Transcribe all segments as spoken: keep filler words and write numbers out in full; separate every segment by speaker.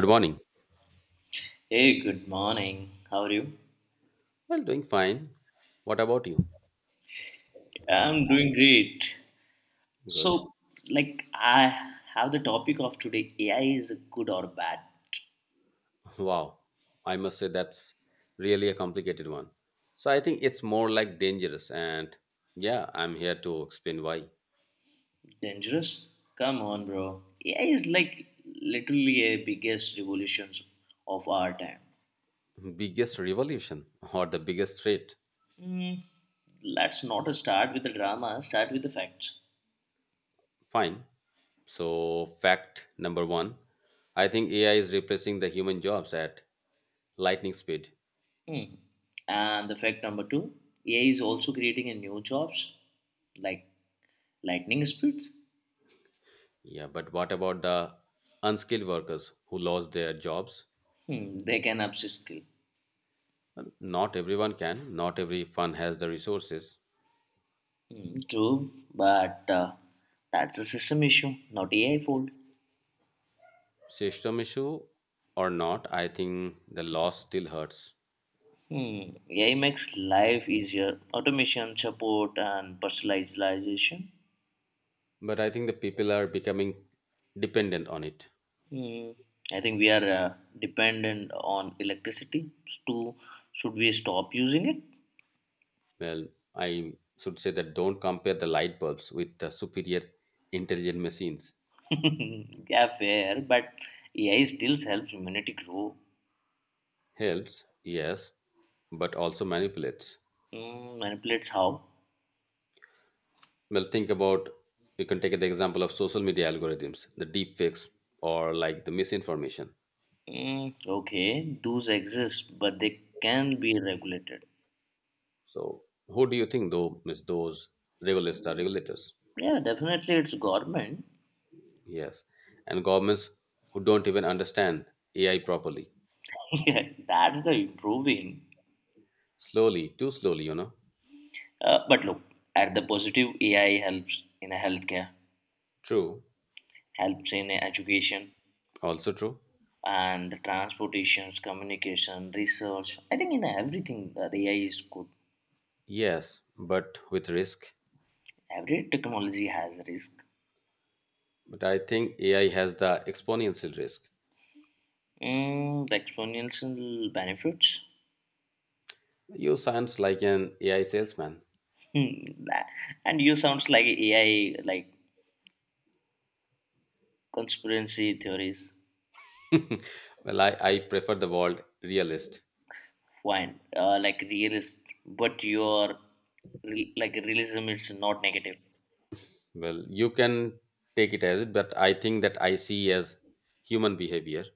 Speaker 1: Good morning.
Speaker 2: Hey, good morning. How are you?
Speaker 1: Well, doing fine. What about you?
Speaker 2: I'm doing great.
Speaker 1: Good.
Speaker 2: So, like, I have the topic of today A I is good or bad?
Speaker 1: Wow. I must say that's really a complicated one. So I think it's more like dangerous and yeah, I'm here to explain why.
Speaker 2: Dangerous? Come on, bro. A I is like literally a biggest revolutions of our time.
Speaker 1: Biggest revolution or the biggest threat.
Speaker 2: Hmm. Let's not start with the drama, start with the facts.
Speaker 1: Fine. So fact number one, I think A I is replacing the human jobs at lightning speed.
Speaker 2: Hmm. And the fact number two A I is also creating a new jobs like lightning speeds.
Speaker 1: Yeah, but what about the unskilled workers who lost their jobs?
Speaker 2: Hmm, they can upskill.
Speaker 1: Well, not everyone can, not every fund has the resources.
Speaker 2: Hmm, true, but uh, that's a system issue, not A I fault.
Speaker 1: System issue or not, I think the loss still hurts.
Speaker 2: Hmm, A I makes life easier, automation, support, and personalization.
Speaker 1: But I think the people are becoming dependent on it.
Speaker 2: Hmm, I think we are uh, dependent on electricity. To should we stop using
Speaker 1: Well, I should say that don't compare the light bulbs with the superior intelligent machines.
Speaker 2: it? Yeah, fair, but A I still helps humanity grow.
Speaker 1: Helps, yes, but also manipulates.
Speaker 2: Hmm, manipulates how?
Speaker 1: Well, think about, you can take the example of social media algorithms, the deep fakes, or like the misinformation.
Speaker 2: Hmm, okay, those exist, but they can be regulated.
Speaker 1: So, who do you think though is those regulators are regulators?
Speaker 2: Yeah, definitely, it's government.
Speaker 1: Yes, and governments who don't even understand A I properly.
Speaker 2: Yeah, that's the improving.
Speaker 1: Slowly, too slowly, you know.
Speaker 2: Uh, but look, at the positive, A I helps in a healthcare,
Speaker 1: True,
Speaker 2: helps in education,
Speaker 1: also true.
Speaker 2: and the transportations, communication, research. I think in everything, uh, A I is good.
Speaker 1: Yes, but with risk.
Speaker 2: Every technology has risk.
Speaker 1: But I think A I has the exponential risk.
Speaker 2: Mm, the exponential benefits.
Speaker 1: You sounds like an A I salesman.
Speaker 2: Hmm, that- and you sounds like A I, like conspiracy theories.
Speaker 1: Well, I, I prefer the word realist.
Speaker 2: Fine, uh, like realist, but your re- like realism is not negative.
Speaker 1: Well, you can take it as it, but I think that I see as human behavior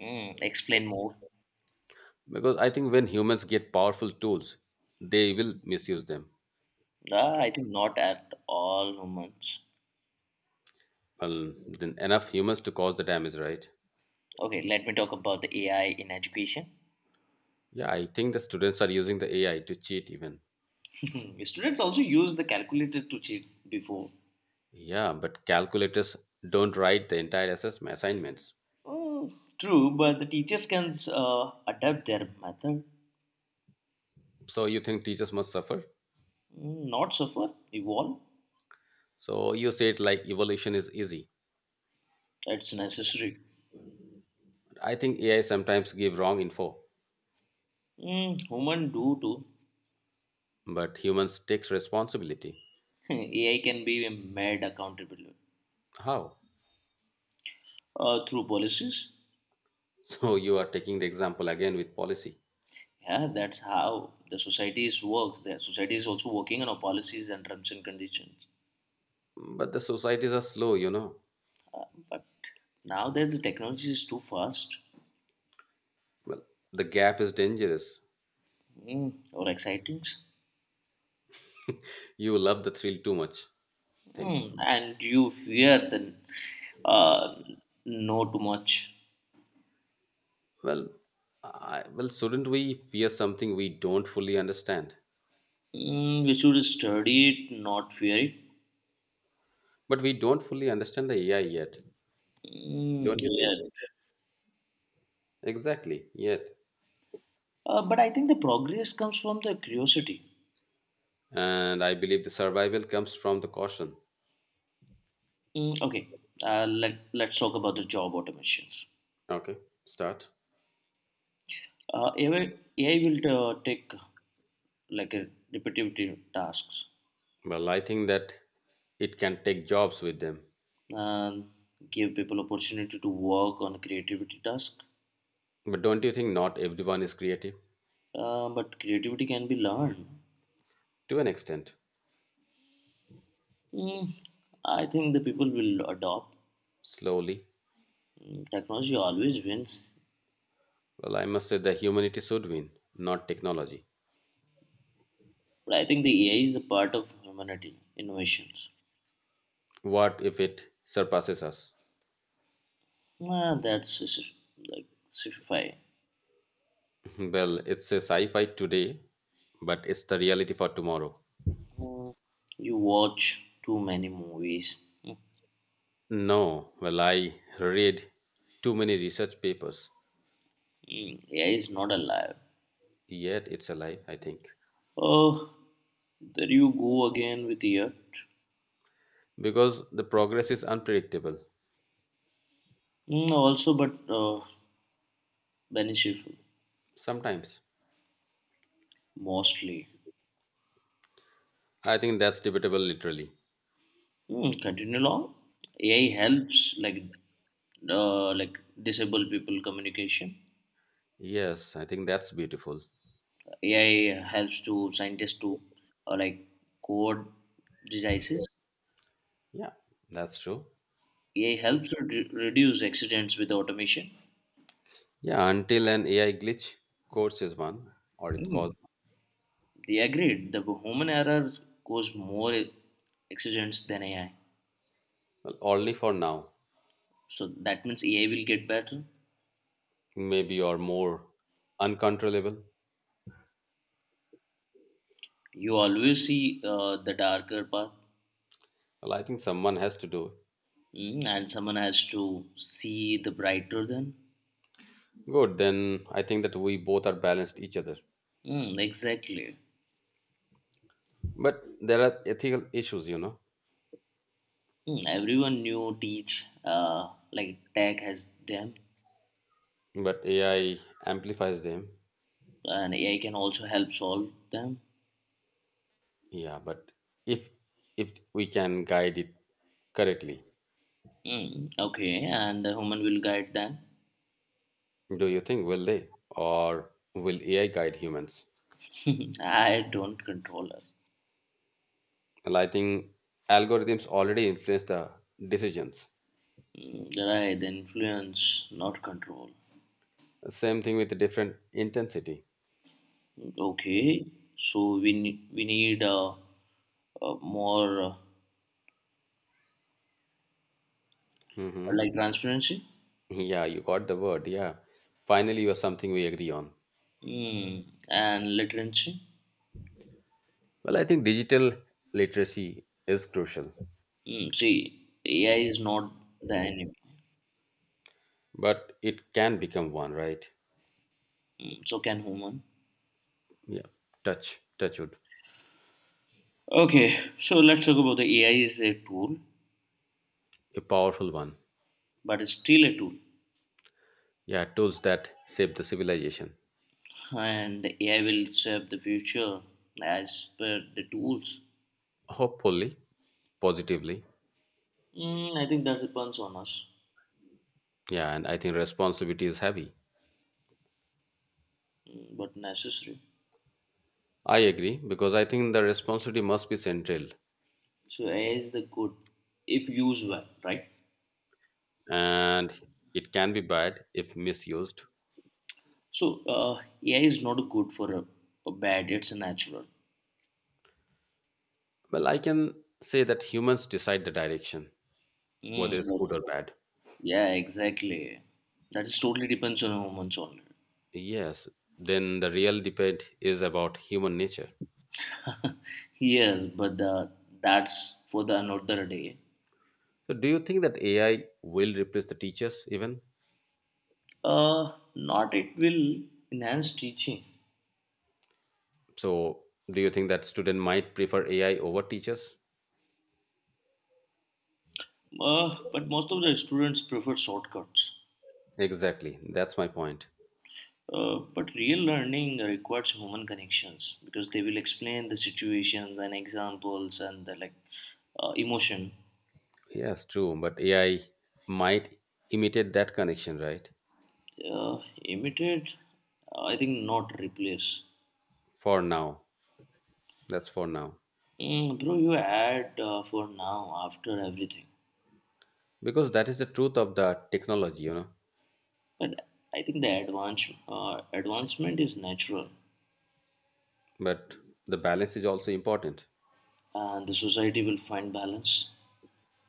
Speaker 2: Mm, explain more.
Speaker 1: because I think when humans get powerful tools, they will misuse them.
Speaker 2: Ah, I think not at all humans.
Speaker 1: Well, then enough humans to cause the damage, right?
Speaker 2: Okay, let me talk about the A I in education.
Speaker 1: Yeah, I think the students are using the AI to cheat even.
Speaker 2: Students also use the calculator to cheat before.
Speaker 1: Yeah, but calculators don't write the entire assessment assignments.
Speaker 2: Mm, true, but the teachers can uh, adapt their method.
Speaker 1: So you think teachers must suffer?
Speaker 2: Mm, not suffer, evolve.
Speaker 1: So you say it like evolution is easy?
Speaker 2: It's necessary.
Speaker 1: I think AI sometimes give wrong info.
Speaker 2: Mm, human do too.
Speaker 1: But humans takes responsibility.
Speaker 2: A I can be made accountable
Speaker 1: How?
Speaker 2: uh, through policies.
Speaker 1: So you are taking the example again with policy.
Speaker 2: Yeah, that's how the societies works. The society is also working on our policies and terms and conditions.
Speaker 1: But the societies are slow, you know.
Speaker 2: Uh, but nowadays the technology is too fast.
Speaker 1: Well, the gap is dangerous.
Speaker 2: Mm, or exciting.
Speaker 1: You love the thrill too much, I think.
Speaker 2: Mm, and you fear the uh, know too much.
Speaker 1: Well, I, well, shouldn't we fear something we don't fully understand?
Speaker 2: Mm, we should study it, not fear it.
Speaker 1: But we don't fully understand the A I yet,
Speaker 2: Mm,
Speaker 1: don't you think?
Speaker 2: yeah.
Speaker 1: Exactly, yet.
Speaker 2: Uh, but I think the progress comes from the curiosity.
Speaker 1: And I believe the survival comes from the caution.
Speaker 2: Mm, okay, uh, let, let's talk about the job automations.
Speaker 1: Okay, start.
Speaker 2: Uh, A I, A I will uh, take like a repetitive tasks
Speaker 1: Well, I think that it can take jobs with them.
Speaker 2: and give people opportunity to work on creativity task.
Speaker 1: But don't you think not everyone is creative?
Speaker 2: Uh, but creativity can be learned.
Speaker 1: To an extent,
Speaker 2: Mm, I think the people will adopt.
Speaker 1: slowly.
Speaker 2: Mm, technology always wins.
Speaker 1: Well, I must say that humanity should win, not technology.
Speaker 2: But I think the A I is a part of humanity innovations.
Speaker 1: What if it surpasses us?
Speaker 2: Ah, that's s- s- like sci-fi.
Speaker 1: Well, it's a sci fi today, but it's the reality for tomorrow.
Speaker 2: You watch too many movies. Mm,
Speaker 1: No, well, I read too many research papers,
Speaker 2: mm, A I is not alive.
Speaker 1: yet it's a lie, I think.
Speaker 2: Oh, there you go again with yet.
Speaker 1: Because the progress is unpredictable.
Speaker 2: Mm, also, but uh, beneficial
Speaker 1: Sometimes.
Speaker 2: mostly.
Speaker 1: I think that's debatable, literally.
Speaker 2: Hmm, continue along. A I helps like uh, like disabled people communication.
Speaker 1: Yes, I think that's beautiful.
Speaker 2: A I helps to scientists to uh, like code diseases.
Speaker 1: Yeah, that's true.
Speaker 2: A I helps to re- reduce accidents with automation.
Speaker 1: Yeah, until an A I glitch causes one, or it causes,
Speaker 2: Mm, they agreed. The human error cause more accidents than A I.
Speaker 1: well, only for now,
Speaker 2: So that means A I will get better.
Speaker 1: maybe or more uncontrollable.
Speaker 2: You always see uh, the darker path.
Speaker 1: Well, I think someone has to do it.
Speaker 2: Mm, and someone has to see the brighter then.
Speaker 1: Good, then I think that we both are balanced each other.
Speaker 2: Mm, exactly.
Speaker 1: But there are ethical issues, you know.
Speaker 2: Hmm, everyone knew teach uh, like tech has them
Speaker 1: But A I amplifies them.
Speaker 2: and A I can also help solve them.
Speaker 1: Yeah, but if if we can guide it correctly,
Speaker 2: Hmm, okay, and the human will guide them.
Speaker 1: do you think will they or will A I guide humans?
Speaker 2: I don't control us.
Speaker 1: Well, I think algorithms already influence the decisions.
Speaker 2: Hmm, right, influence, not control.
Speaker 1: Same thing with different intensity.
Speaker 2: Okay, so we ne- we need uh, uh, more uh,
Speaker 1: hmm
Speaker 2: like transparency.
Speaker 1: Yeah, you got the word. Yeah, finally, you are something we agree on.
Speaker 2: Hmm, and literacy.
Speaker 1: Well, I think digital literacy is crucial.
Speaker 2: Hmm, see, A I is not the enemy.
Speaker 1: But it can become one, right?
Speaker 2: Hmm, so can human.
Speaker 1: Yeah, touch touchwood.
Speaker 2: Okay, so let's talk about the A I is a tool,
Speaker 1: A powerful one.
Speaker 2: but it's still a tool,
Speaker 1: Yeah, tools that shape the civilization.
Speaker 2: and the A I will shape the future as per the tools.
Speaker 1: Hopefully positively.
Speaker 2: Mm, I think that depends on us.
Speaker 1: Yeah, and I think responsibility is heavy.
Speaker 2: Mm, but necessary.
Speaker 1: I agree because I think the responsibility must be central.
Speaker 2: So A I is the good if used well, right?
Speaker 1: And it can be bad if misused.
Speaker 2: So uh, A I is not good for a, a bad; it's a natural.
Speaker 1: Well, I can say that humans decide the direction,
Speaker 2: Mm,
Speaker 1: whether it's
Speaker 2: but-
Speaker 1: good or bad.
Speaker 2: Yeah, exactly. That is totally depends on humans only.
Speaker 1: Yes, then the real debate is about human nature.
Speaker 2: Yes, but the, that's for the another day.
Speaker 1: So do you think that AI will replace the teachers even?
Speaker 2: Uh, not it will enhance teaching.
Speaker 1: So, do you think that student might prefer A I over teachers?
Speaker 2: Uh, but most of the students prefer shortcuts.
Speaker 1: Exactly. That's my point.
Speaker 2: Uh, but real learning requires human connections because they will explain the situations and examples and the like uh, emotion.
Speaker 1: Yes, true. But A I might imitate that connection, right?
Speaker 2: Uh, Imitate, I think not replace.
Speaker 1: For now. That's for now.
Speaker 2: Mm, bro, you add uh, for now after everything,
Speaker 1: Because that is the truth of the technology, you know.
Speaker 2: but I think the advance uh, advancement is natural,
Speaker 1: But the balance is also important.
Speaker 2: and the society will find balance.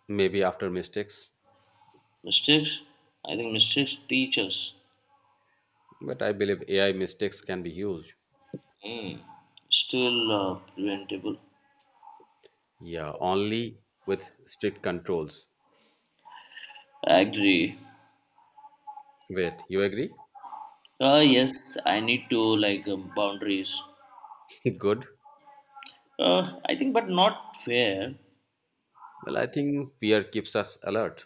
Speaker 1: Maybe after mistakes.
Speaker 2: Mistakes? I think mistakes teach us.
Speaker 1: But I believe A I mistakes can be huge.
Speaker 2: Hmm. Still uh, preventable.
Speaker 1: Yeah, only with strict controls.
Speaker 2: Agree.
Speaker 1: Wait, you agree?
Speaker 2: Uh, yes, I need to like uh, boundaries.
Speaker 1: Good.
Speaker 2: Uh, I think, but not fair.
Speaker 1: Well, I think fear keeps us alert.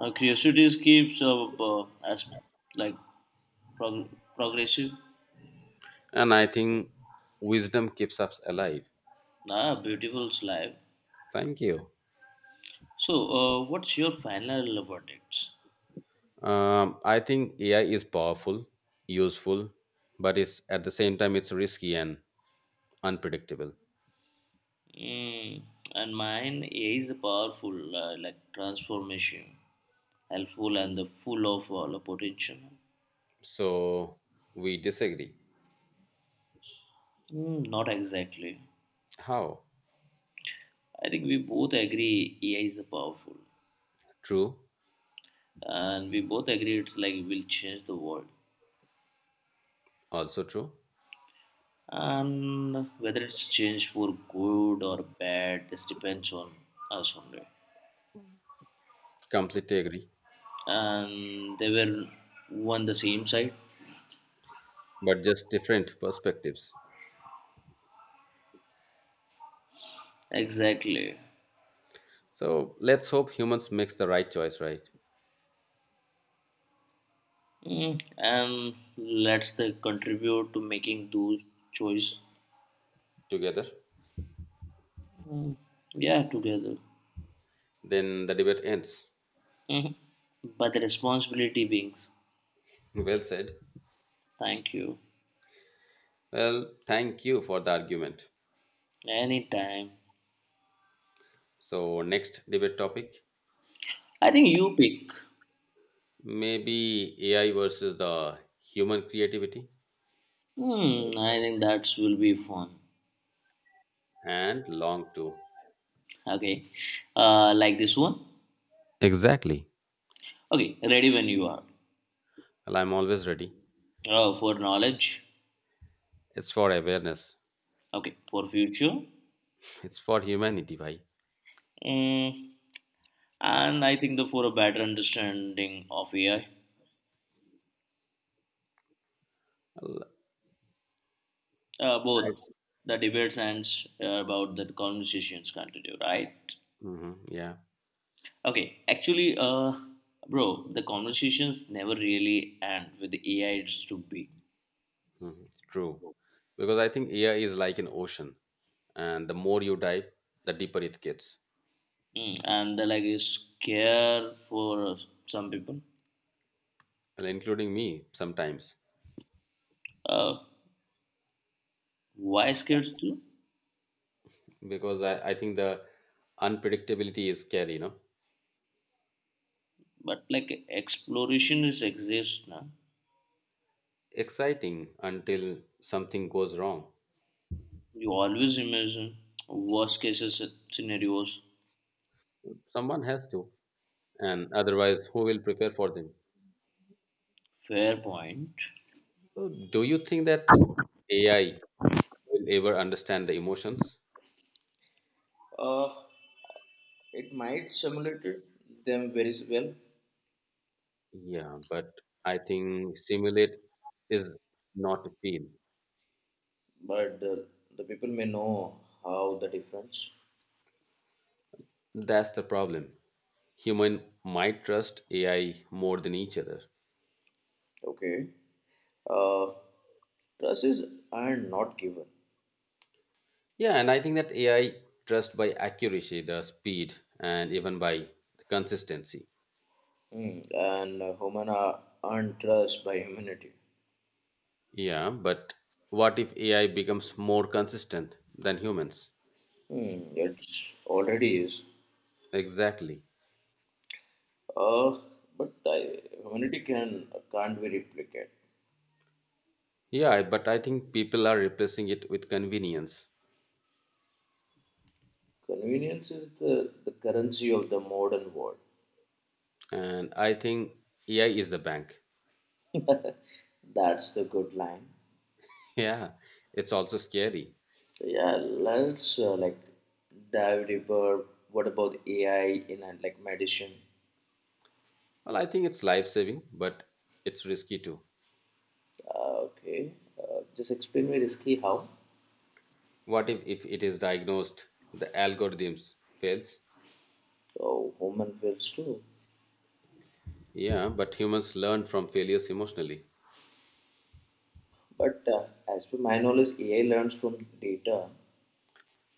Speaker 2: Uh, curiosity keeps uh, uh, as like prog- progressive.
Speaker 1: And I think wisdom keeps us alive.
Speaker 2: Ah, beautiful slide.
Speaker 1: Thank you.
Speaker 2: So, uh, what's your final verdicts?
Speaker 1: um, I think AI is powerful, useful, but it's at the same time it's risky and unpredictable.
Speaker 2: Mm, and mine is powerful, uh, like transformation, helpful and the full of uh, the potential.
Speaker 1: So we disagree?
Speaker 2: Mm, not exactly.
Speaker 1: How?
Speaker 2: I think we both agree A I is the powerful,
Speaker 1: True.
Speaker 2: and we both agree it's like will change the world.
Speaker 1: Also true.
Speaker 2: And whether it's changed for good or bad, this depends on us only.
Speaker 1: Completely agree.
Speaker 2: And they were on the same side.
Speaker 1: But just different perspectives.
Speaker 2: Exactly.
Speaker 1: So let's hope humans makes the right choice, right?
Speaker 2: Mm, and let's the contribute to making those choice.
Speaker 1: Together.
Speaker 2: Mm, yeah, together.
Speaker 1: Then the debate ends.
Speaker 2: Mhm. But the responsibility beings.
Speaker 1: Well said.
Speaker 2: Thank you.
Speaker 1: Well, thank you for the argument.
Speaker 2: Anytime.
Speaker 1: So next debate topic?
Speaker 2: I think you pick.
Speaker 1: Maybe A I versus the human creativity.
Speaker 2: Hmm, I think that will be fun.
Speaker 1: And long too.
Speaker 2: Okay, uh, like this one.
Speaker 1: Exactly.
Speaker 2: Okay, ready when you are.
Speaker 1: Well, I'm always ready.
Speaker 2: Uh, for knowledge.
Speaker 1: It's for awareness.
Speaker 2: Okay, for future.
Speaker 1: It's for humanity, why?
Speaker 2: Mm, and I think the for a better understanding of A I.
Speaker 1: Well,
Speaker 2: Uh,
Speaker 1: I,
Speaker 2: both the debates and uh, about the conversations continue, right?
Speaker 1: Mhm, yeah,
Speaker 2: Okay, actually, uh, bro, the conversations never really end with the A I. It's too big.
Speaker 1: mhm, it's true. Because I think A I is like an ocean, and the more you dive, the deeper it gets.
Speaker 2: Mm, and the like is scare for uh, some people.
Speaker 1: Well, including me sometimes,
Speaker 2: Uh, why scared? Too?
Speaker 1: because I, I think the unpredictability is scary, you know,
Speaker 2: But like exploration is exist now.
Speaker 1: exciting until something goes wrong.
Speaker 2: You always imagine worst cases scenarios.
Speaker 1: Someone has to, and otherwise, who will prepare for them?
Speaker 2: Fair point.
Speaker 1: So do you think that A I will ever understand the emotions?
Speaker 2: Uh, it might simulate it- them very well,
Speaker 1: Yeah, but I think simulate is not feel.
Speaker 2: but the, the people may know how the difference.
Speaker 1: That's the problem. Human might trust A I more than each other.
Speaker 2: Okay. Uh, Trust is earned, not given.
Speaker 1: Yeah, and I think that A I trust by accuracy, the speed, and even by the consistency.
Speaker 2: Hmm. And uh, human are earned trust by humanity.
Speaker 1: Yeah, but what if A I becomes more consistent than humans?
Speaker 2: Hmm, it's already is.
Speaker 1: Exactly.
Speaker 2: Uh, but I, humanity can can't be replicated.
Speaker 1: Yeah, but I think people are replacing it with convenience.
Speaker 2: Convenience is the, the currency of the modern world.
Speaker 1: And I think A I is the bank.
Speaker 2: That's the good line.
Speaker 1: Yeah, it's also scary.
Speaker 2: So yeah, let's uh, like dive deeper. What about A I in uh, like medicine?
Speaker 1: Well, I think it's life saving, but it's risky too.
Speaker 2: Uh, okay, uh, just explain me risky how.
Speaker 1: What if, if it is diagnosed, the algorithms fails?
Speaker 2: So human feels too.
Speaker 1: Yeah, but humans learn from failures emotionally.
Speaker 2: But uh, as per my knowledge, A I learns from data.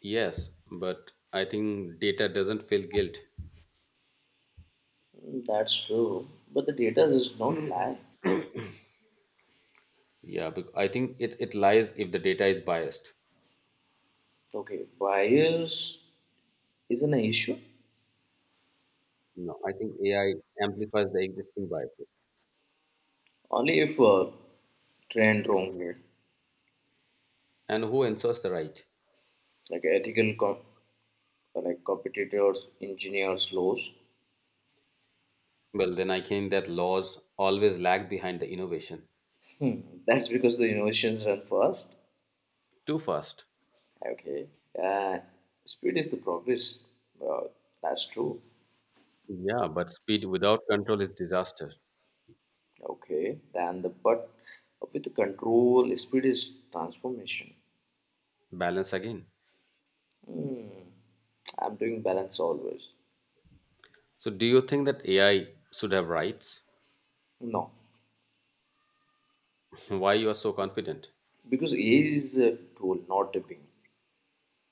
Speaker 1: Yes, but I think data doesn't feel guilt.
Speaker 2: That's true, but the data does not lie.
Speaker 1: Yeah, because I think it, it lies if the data is biased.
Speaker 2: Okay, bias is an issue
Speaker 1: No, I think A I amplifies the existing biases.
Speaker 2: only if uh, trained wrongly,
Speaker 1: And who ensures the right?
Speaker 2: like ethical com- uh, like competitors, engineers, laws.
Speaker 1: Well, then I think that laws always lag behind the innovation.
Speaker 2: That's because the innovations run first.
Speaker 1: Too fast.
Speaker 2: Okay, uh, speed is the progress. Uh, that's true.
Speaker 1: Yeah, but speed without control is disaster.
Speaker 2: Okay, then the but with the control, speed is transformation.
Speaker 1: Balance again.
Speaker 2: I'm doing balance always.
Speaker 1: So do you think that A I should have rights?
Speaker 2: No.
Speaker 1: Why you are so confident?
Speaker 2: Because A I is a tool, not a being.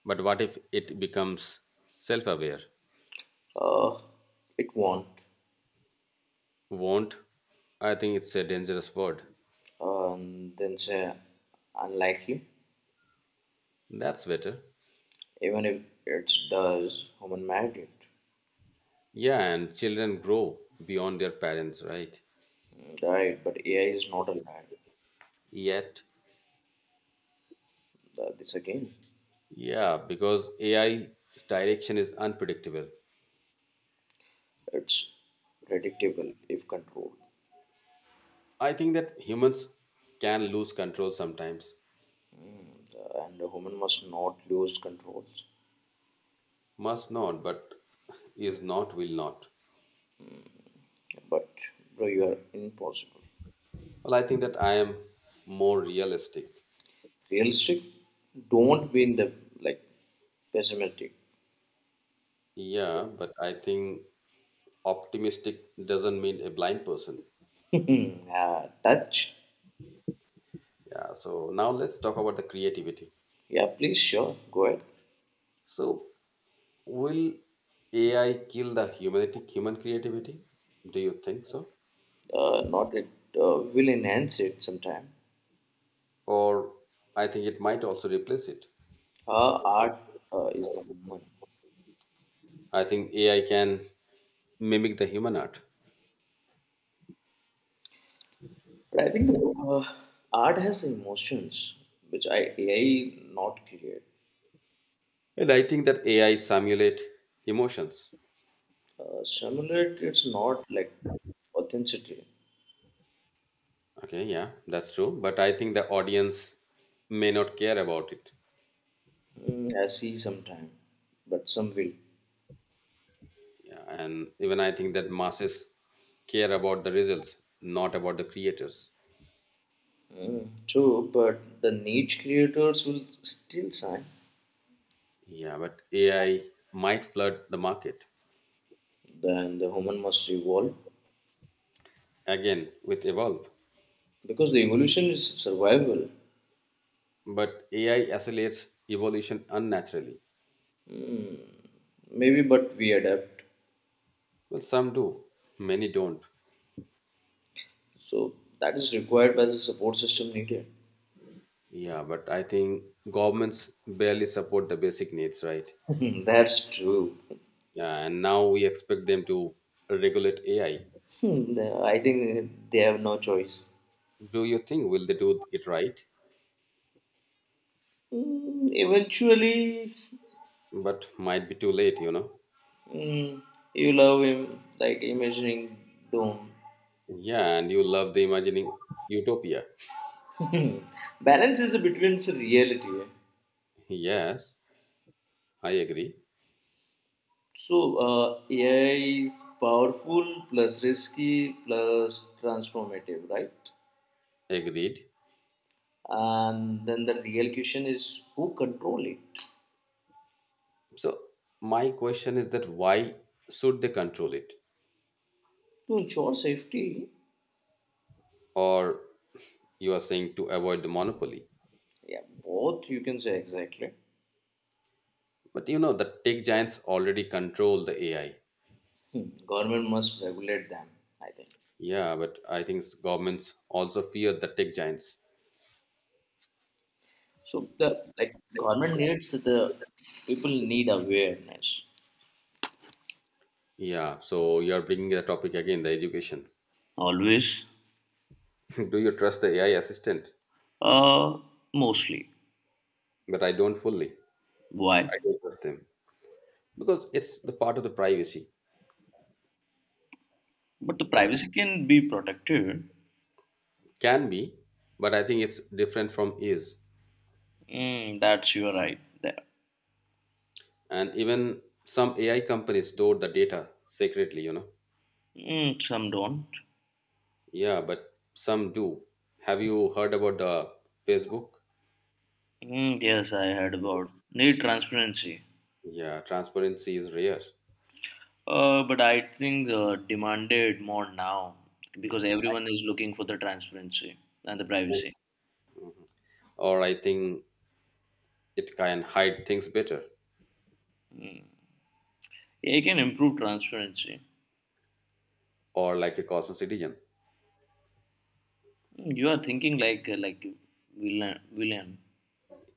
Speaker 1: But what if it becomes self-aware?
Speaker 2: Uh, it won't.
Speaker 1: Won't? I think it's a dangerous word.
Speaker 2: uh, And then say unlikely,
Speaker 1: That's better.
Speaker 2: even if it does, human made it.
Speaker 1: Yeah, and children grow beyond their parents, right?
Speaker 2: Mm, right, but A I is not alive.
Speaker 1: Yet,
Speaker 2: Uh, this again,
Speaker 1: yeah, because A I 's direction is unpredictable.
Speaker 2: it's predictable if controlled.
Speaker 1: I think that humans can lose control sometimes.
Speaker 2: Uh, and a human must not lose controls.
Speaker 1: Must not, but is not, will not.
Speaker 2: But bro, you are impossible.
Speaker 1: Well, I think that I am more realistic.
Speaker 2: Realistic, don't be in the like pessimistic.
Speaker 1: Yeah, but I think optimistic doesn't mean a blind person.
Speaker 2: Hmm, uh, touch.
Speaker 1: Yeah, so now let's talk about the creativity.
Speaker 2: Yeah, please, sure, go ahead.
Speaker 1: So, will A I kill the humanity, human creativity? Do you think so?
Speaker 2: Uh, not it uh, will enhance it sometime.
Speaker 1: Or I think it might also replace it.
Speaker 2: Uh, art uh, is the moment.
Speaker 1: I think A I can mimic the human art.
Speaker 2: But I think the uh, art has emotions which I, A I not create.
Speaker 1: And I think that A I simulate emotions.
Speaker 2: Uh, simulate it's not like authenticity.
Speaker 1: Okay, yeah, that's true. But I think the audience may not care about it.
Speaker 2: Mm, I see sometime, but some will.
Speaker 1: Yeah, and even I think that masses care about the results, not about the creators.
Speaker 2: Mm, true, but the niche creators will still sign.
Speaker 1: Yeah, but A I might flood the market
Speaker 2: Then the human must evolve
Speaker 1: again with evolve.
Speaker 2: because the evolution is survival.
Speaker 1: But A I accelerates evolution unnaturally.
Speaker 2: Maybe, but we adapt.
Speaker 1: Well, some do, many don't.
Speaker 2: So that is required by the support system needed.
Speaker 1: Yeah, but I think governments barely support the basic needs, right?
Speaker 2: Hmm, that's true.
Speaker 1: Yeah, and now we expect them to regulate A I.
Speaker 2: Hmm, I think they have no choice.
Speaker 1: Do you think will they do it right?
Speaker 2: Hmm, eventually.
Speaker 1: But might be too late, you know.
Speaker 2: Hmm, you love him like imagining doom.
Speaker 1: Yeah, and you love the imagining utopia.
Speaker 2: Balance is between reality. Eh?
Speaker 1: Yes, I agree.
Speaker 2: So uh, A I is powerful plus risky plus transformative, right?
Speaker 1: Agreed.
Speaker 2: And then the real question is who control it
Speaker 1: So my question is that why should they control it?
Speaker 2: to ensure safety.
Speaker 1: Or you are saying to avoid the monopoly.
Speaker 2: Yeah, both you can say exactly.
Speaker 1: But you know the tech giants already control the A I.
Speaker 2: Hmm, government must regulate them, I think.
Speaker 1: Yeah, but I think s- governments also fear the tech giants.
Speaker 2: So the like government needs the people need awareness.
Speaker 1: Yeah, so you're bringing the topic again, the education.
Speaker 2: Always.
Speaker 1: Do you trust the A I assistant?
Speaker 2: uh, Mostly.
Speaker 1: But I don't fully.
Speaker 2: Why?
Speaker 1: I don't trust them because it's the part of the privacy.
Speaker 2: But the privacy can be protected.
Speaker 1: Can be, but I think it's different from is.
Speaker 2: Mm, that's your right there.
Speaker 1: And even some AI companies store the data secretly, you know.
Speaker 2: Mm, some don't.
Speaker 1: Yeah, but some do. Have you heard about the Facebook?
Speaker 2: Mm, yes, I heard about need transparency.
Speaker 1: Yeah, transparency is rare.
Speaker 2: Uh, but I think uh, demanded more now
Speaker 1: Yeah.
Speaker 2: because everyone is looking for the transparency and the privacy.
Speaker 1: Mhm. Or I think it can hide things better.
Speaker 2: Mm. A I can improve transparency.
Speaker 1: Or like a caution citizen.
Speaker 2: You are thinking like uh, like villain villain.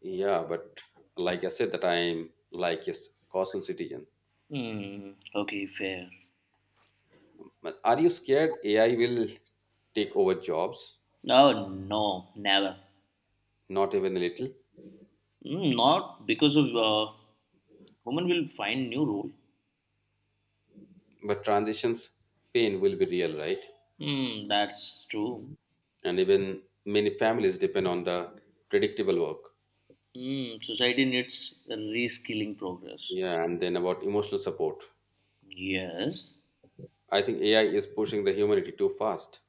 Speaker 1: Yeah, but like I said that I'm like a caution citizen.
Speaker 2: Mm, okay, fair.
Speaker 1: But are you scared AI will take over jobs?
Speaker 2: No, no, never.
Speaker 1: Not even a little?
Speaker 2: Mm, not because of uh, women will find new role.
Speaker 1: But transitions pain will be real, right?
Speaker 2: Mm, that's true.
Speaker 1: And even many families depend on the predictable work.
Speaker 2: Mm, society needs a reskilling progress.
Speaker 1: Yeah, and then about emotional support.
Speaker 2: Yes,
Speaker 1: I think AI is pushing the humanity too fast.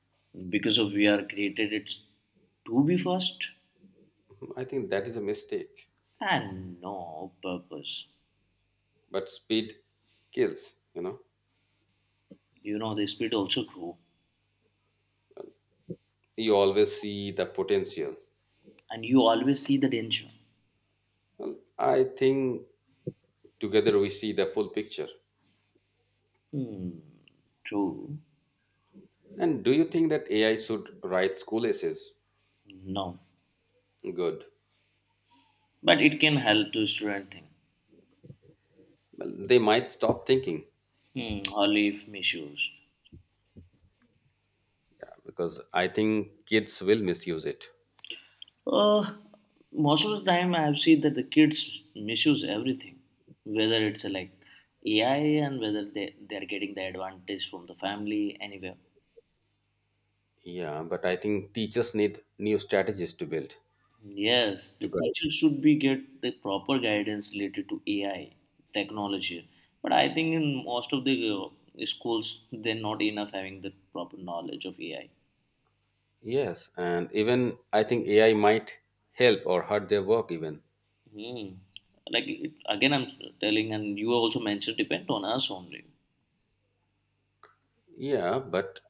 Speaker 2: because of we are created it's to be first
Speaker 1: I think that is a mistake.
Speaker 2: and no purpose.
Speaker 1: But speed kills, you know.
Speaker 2: You know the spirit also grow,
Speaker 1: You always see the potential.
Speaker 2: and you always see the danger.
Speaker 1: I think together we see the full picture.
Speaker 2: Hmm, true.
Speaker 1: And do you think that AI should write school essays?
Speaker 2: No,
Speaker 1: Good.
Speaker 2: but it can help to strengthen.
Speaker 1: Well, they might stop thinking.
Speaker 2: Hmm, or if misused.
Speaker 1: Because I think kids will misuse it.
Speaker 2: Uh, Most of the time, I've seen that the kids misuse everything, whether it's uh, like A I and whether they, they are getting the advantage from the family anywhere.
Speaker 1: Yeah, but I think teachers need new strategies to build
Speaker 2: Yes,
Speaker 1: to
Speaker 2: the
Speaker 1: guide.
Speaker 2: teacher should be get the proper guidance related to A I technology, but I think in most of the uh, schools they're not enough having the proper knowledge of A I.
Speaker 1: Yes, and even I think A I might help or hurt their work even.
Speaker 2: Hmm. Like it, again, I'm telling, and you also mentioned depend on us only.
Speaker 1: Yeah, but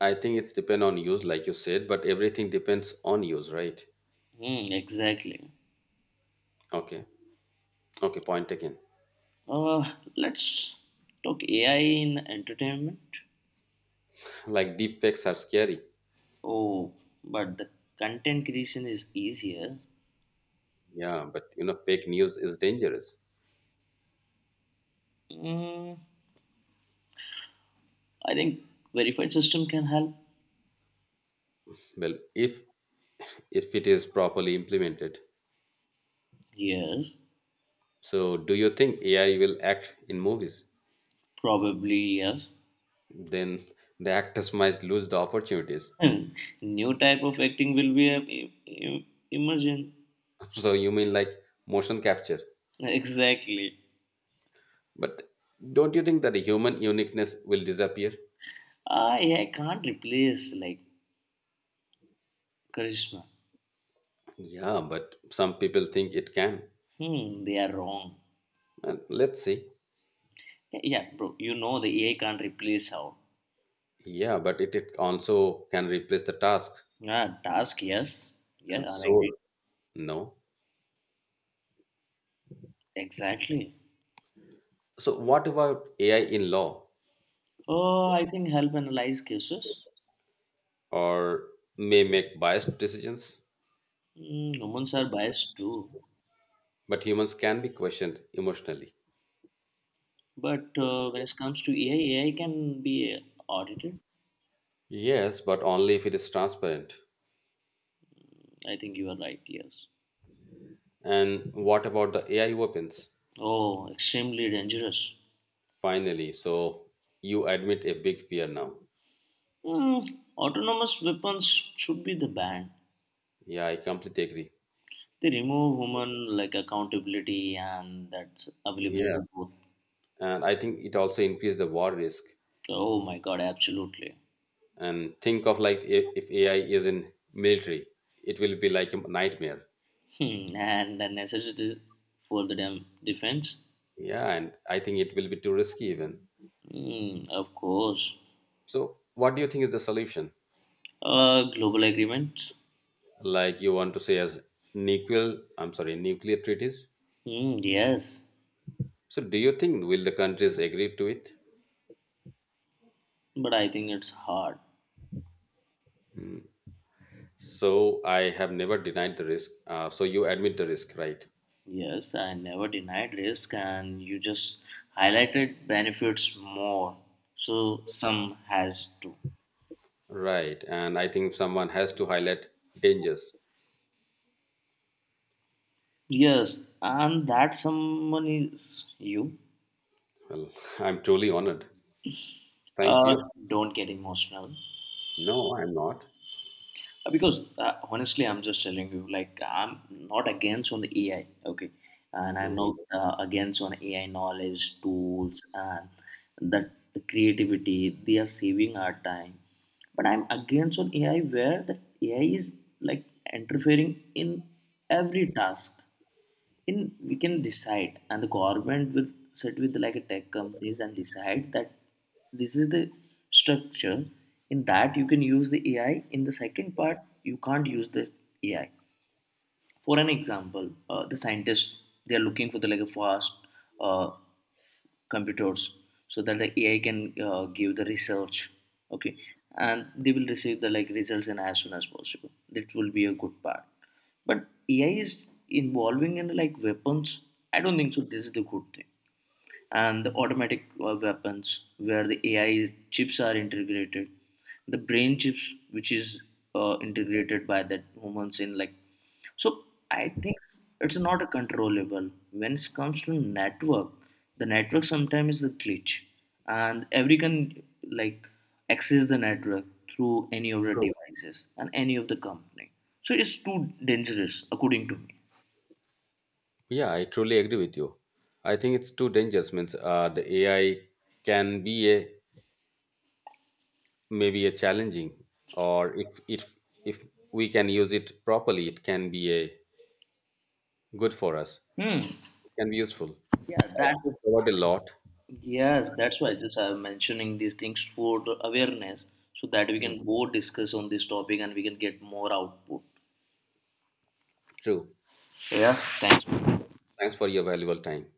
Speaker 1: I think it's depend on use, like you said. But everything depends on use, right?
Speaker 2: Hmm. Exactly.
Speaker 1: Okay, okay, point taken.
Speaker 2: Uh, let's talk A I in entertainment.
Speaker 1: Like deep fakes are scary.
Speaker 2: Oh, but the content creation is easier.
Speaker 1: Yeah, but you know, fake news is dangerous.
Speaker 2: Mm, I think verified system can help.
Speaker 1: Well, if if it is properly implemented.
Speaker 2: Yes,
Speaker 1: So, do you think A I will act in movies?
Speaker 2: probably yes.
Speaker 1: Then the actors might lose the opportunities.
Speaker 2: Hmm, new type of acting will be a, e- e- emergent.
Speaker 1: So you mean like motion capture?
Speaker 2: Exactly.
Speaker 1: But don't you think that the human uniqueness will disappear?
Speaker 2: I, I can't replace like charisma.
Speaker 1: Yeah, but some people think it can.
Speaker 2: Hmm, they are wrong.
Speaker 1: And let's see.
Speaker 2: Yeah, yeah, bro, you know the A I can't replace how.
Speaker 1: Yeah, but it, it also can replace the task
Speaker 2: Yeah, task, yes. Yeah,
Speaker 1: and
Speaker 2: I agree.
Speaker 1: soul. No.
Speaker 2: Exactly.
Speaker 1: So, what about A I in law
Speaker 2: Oh, I think help analyze cases.
Speaker 1: or may make biased decisions?
Speaker 2: Hmm, humans are biased too.
Speaker 1: But humans can be questioned emotionally.
Speaker 2: But uh, when it comes to A I, A I can be audited.
Speaker 1: Yes, but only if it is transparent.
Speaker 2: I think you are right, yes.
Speaker 1: And what about the A I weapons?
Speaker 2: Oh, extremely dangerous.
Speaker 1: Finally, so you admit a big fear now.
Speaker 2: Hmm, autonomous weapons should be the ban.
Speaker 1: Yeah, I completely agree.
Speaker 2: They remove human like accountability and that's
Speaker 1: Yeah,
Speaker 2: availability both.
Speaker 1: and I think it also increased the war risk.
Speaker 2: Oh my god, absolutely.
Speaker 1: And think of like, if, if AI is in military, it will be like a nightmare.
Speaker 2: Hmm, and the necessity for the dem- defense?
Speaker 1: Yeah, and I think it will be too risky even.
Speaker 2: Hmm, of course.
Speaker 1: So what do you think is the solution?
Speaker 2: Uh, global agreements?
Speaker 1: Like you want to say as nuclear, I'm sorry, nuclear treaties.
Speaker 2: Hmm, yes,
Speaker 1: So do you think will the countries agree to it?
Speaker 2: but I think it's hard.
Speaker 1: Mm. So I have never denied the risk. Uh, so you admit the risk, right?
Speaker 2: Yes, I never denied risk, and you just highlighted benefits more. So some has to.
Speaker 1: Right, and I think someone has to highlight dangers.
Speaker 2: Yes, and that someone is you.
Speaker 1: Well, I'm truly honored. Thank
Speaker 2: Uh,
Speaker 1: you.
Speaker 2: don't get emotional.
Speaker 1: No, I'm not.
Speaker 2: Uh, because uh, honestly I'm just telling you like I'm not against on the AI, okay, and I'm
Speaker 1: Hmm.
Speaker 2: not uh, against on AI knowledge tools and that the creativity they are saving our time, but I'm against on AI where the AI is like interfering in every task in we can decide, and the government will sit with like a tech companies and decide that this is the structure in that you can use the AI in the second part you can't use the AI. For an example, uh, the scientists they are looking for the like a fast uh, computers so that the AI can uh, give the research, okay, and they will receive the like results in as soon as possible. That will be a good part, but AI is involving in like weapons. I don't think so this is the good thing. And the automatic uh, weapons where the A I chips are integrated, the brain chips which is uh, integrated by that humans in like. So I think it's not a controllable. When it comes to network, the network sometimes is the glitch, and every can like access the network through any of the
Speaker 1: True.
Speaker 2: devices and any of the company. So it's too dangerous, according to me.
Speaker 1: Yeah, I truly agree with you. I think it's too dangerous. Means uh, the A I can be a maybe a challenging, or if if if we can use it properly, it can be a good for us.
Speaker 2: Hmm.
Speaker 1: It can be useful.
Speaker 2: Yeah,
Speaker 1: So I think we
Speaker 2: that's.
Speaker 1: covered a lot.
Speaker 2: Yes, that's why just I'm mentioning these things for the awareness so that we
Speaker 1: Mm,
Speaker 2: can both discuss on this topic and we can get more output.
Speaker 1: true.
Speaker 2: So, yeah,
Speaker 1: Yeah.
Speaker 2: thanks.
Speaker 1: Thanks for your valuable time.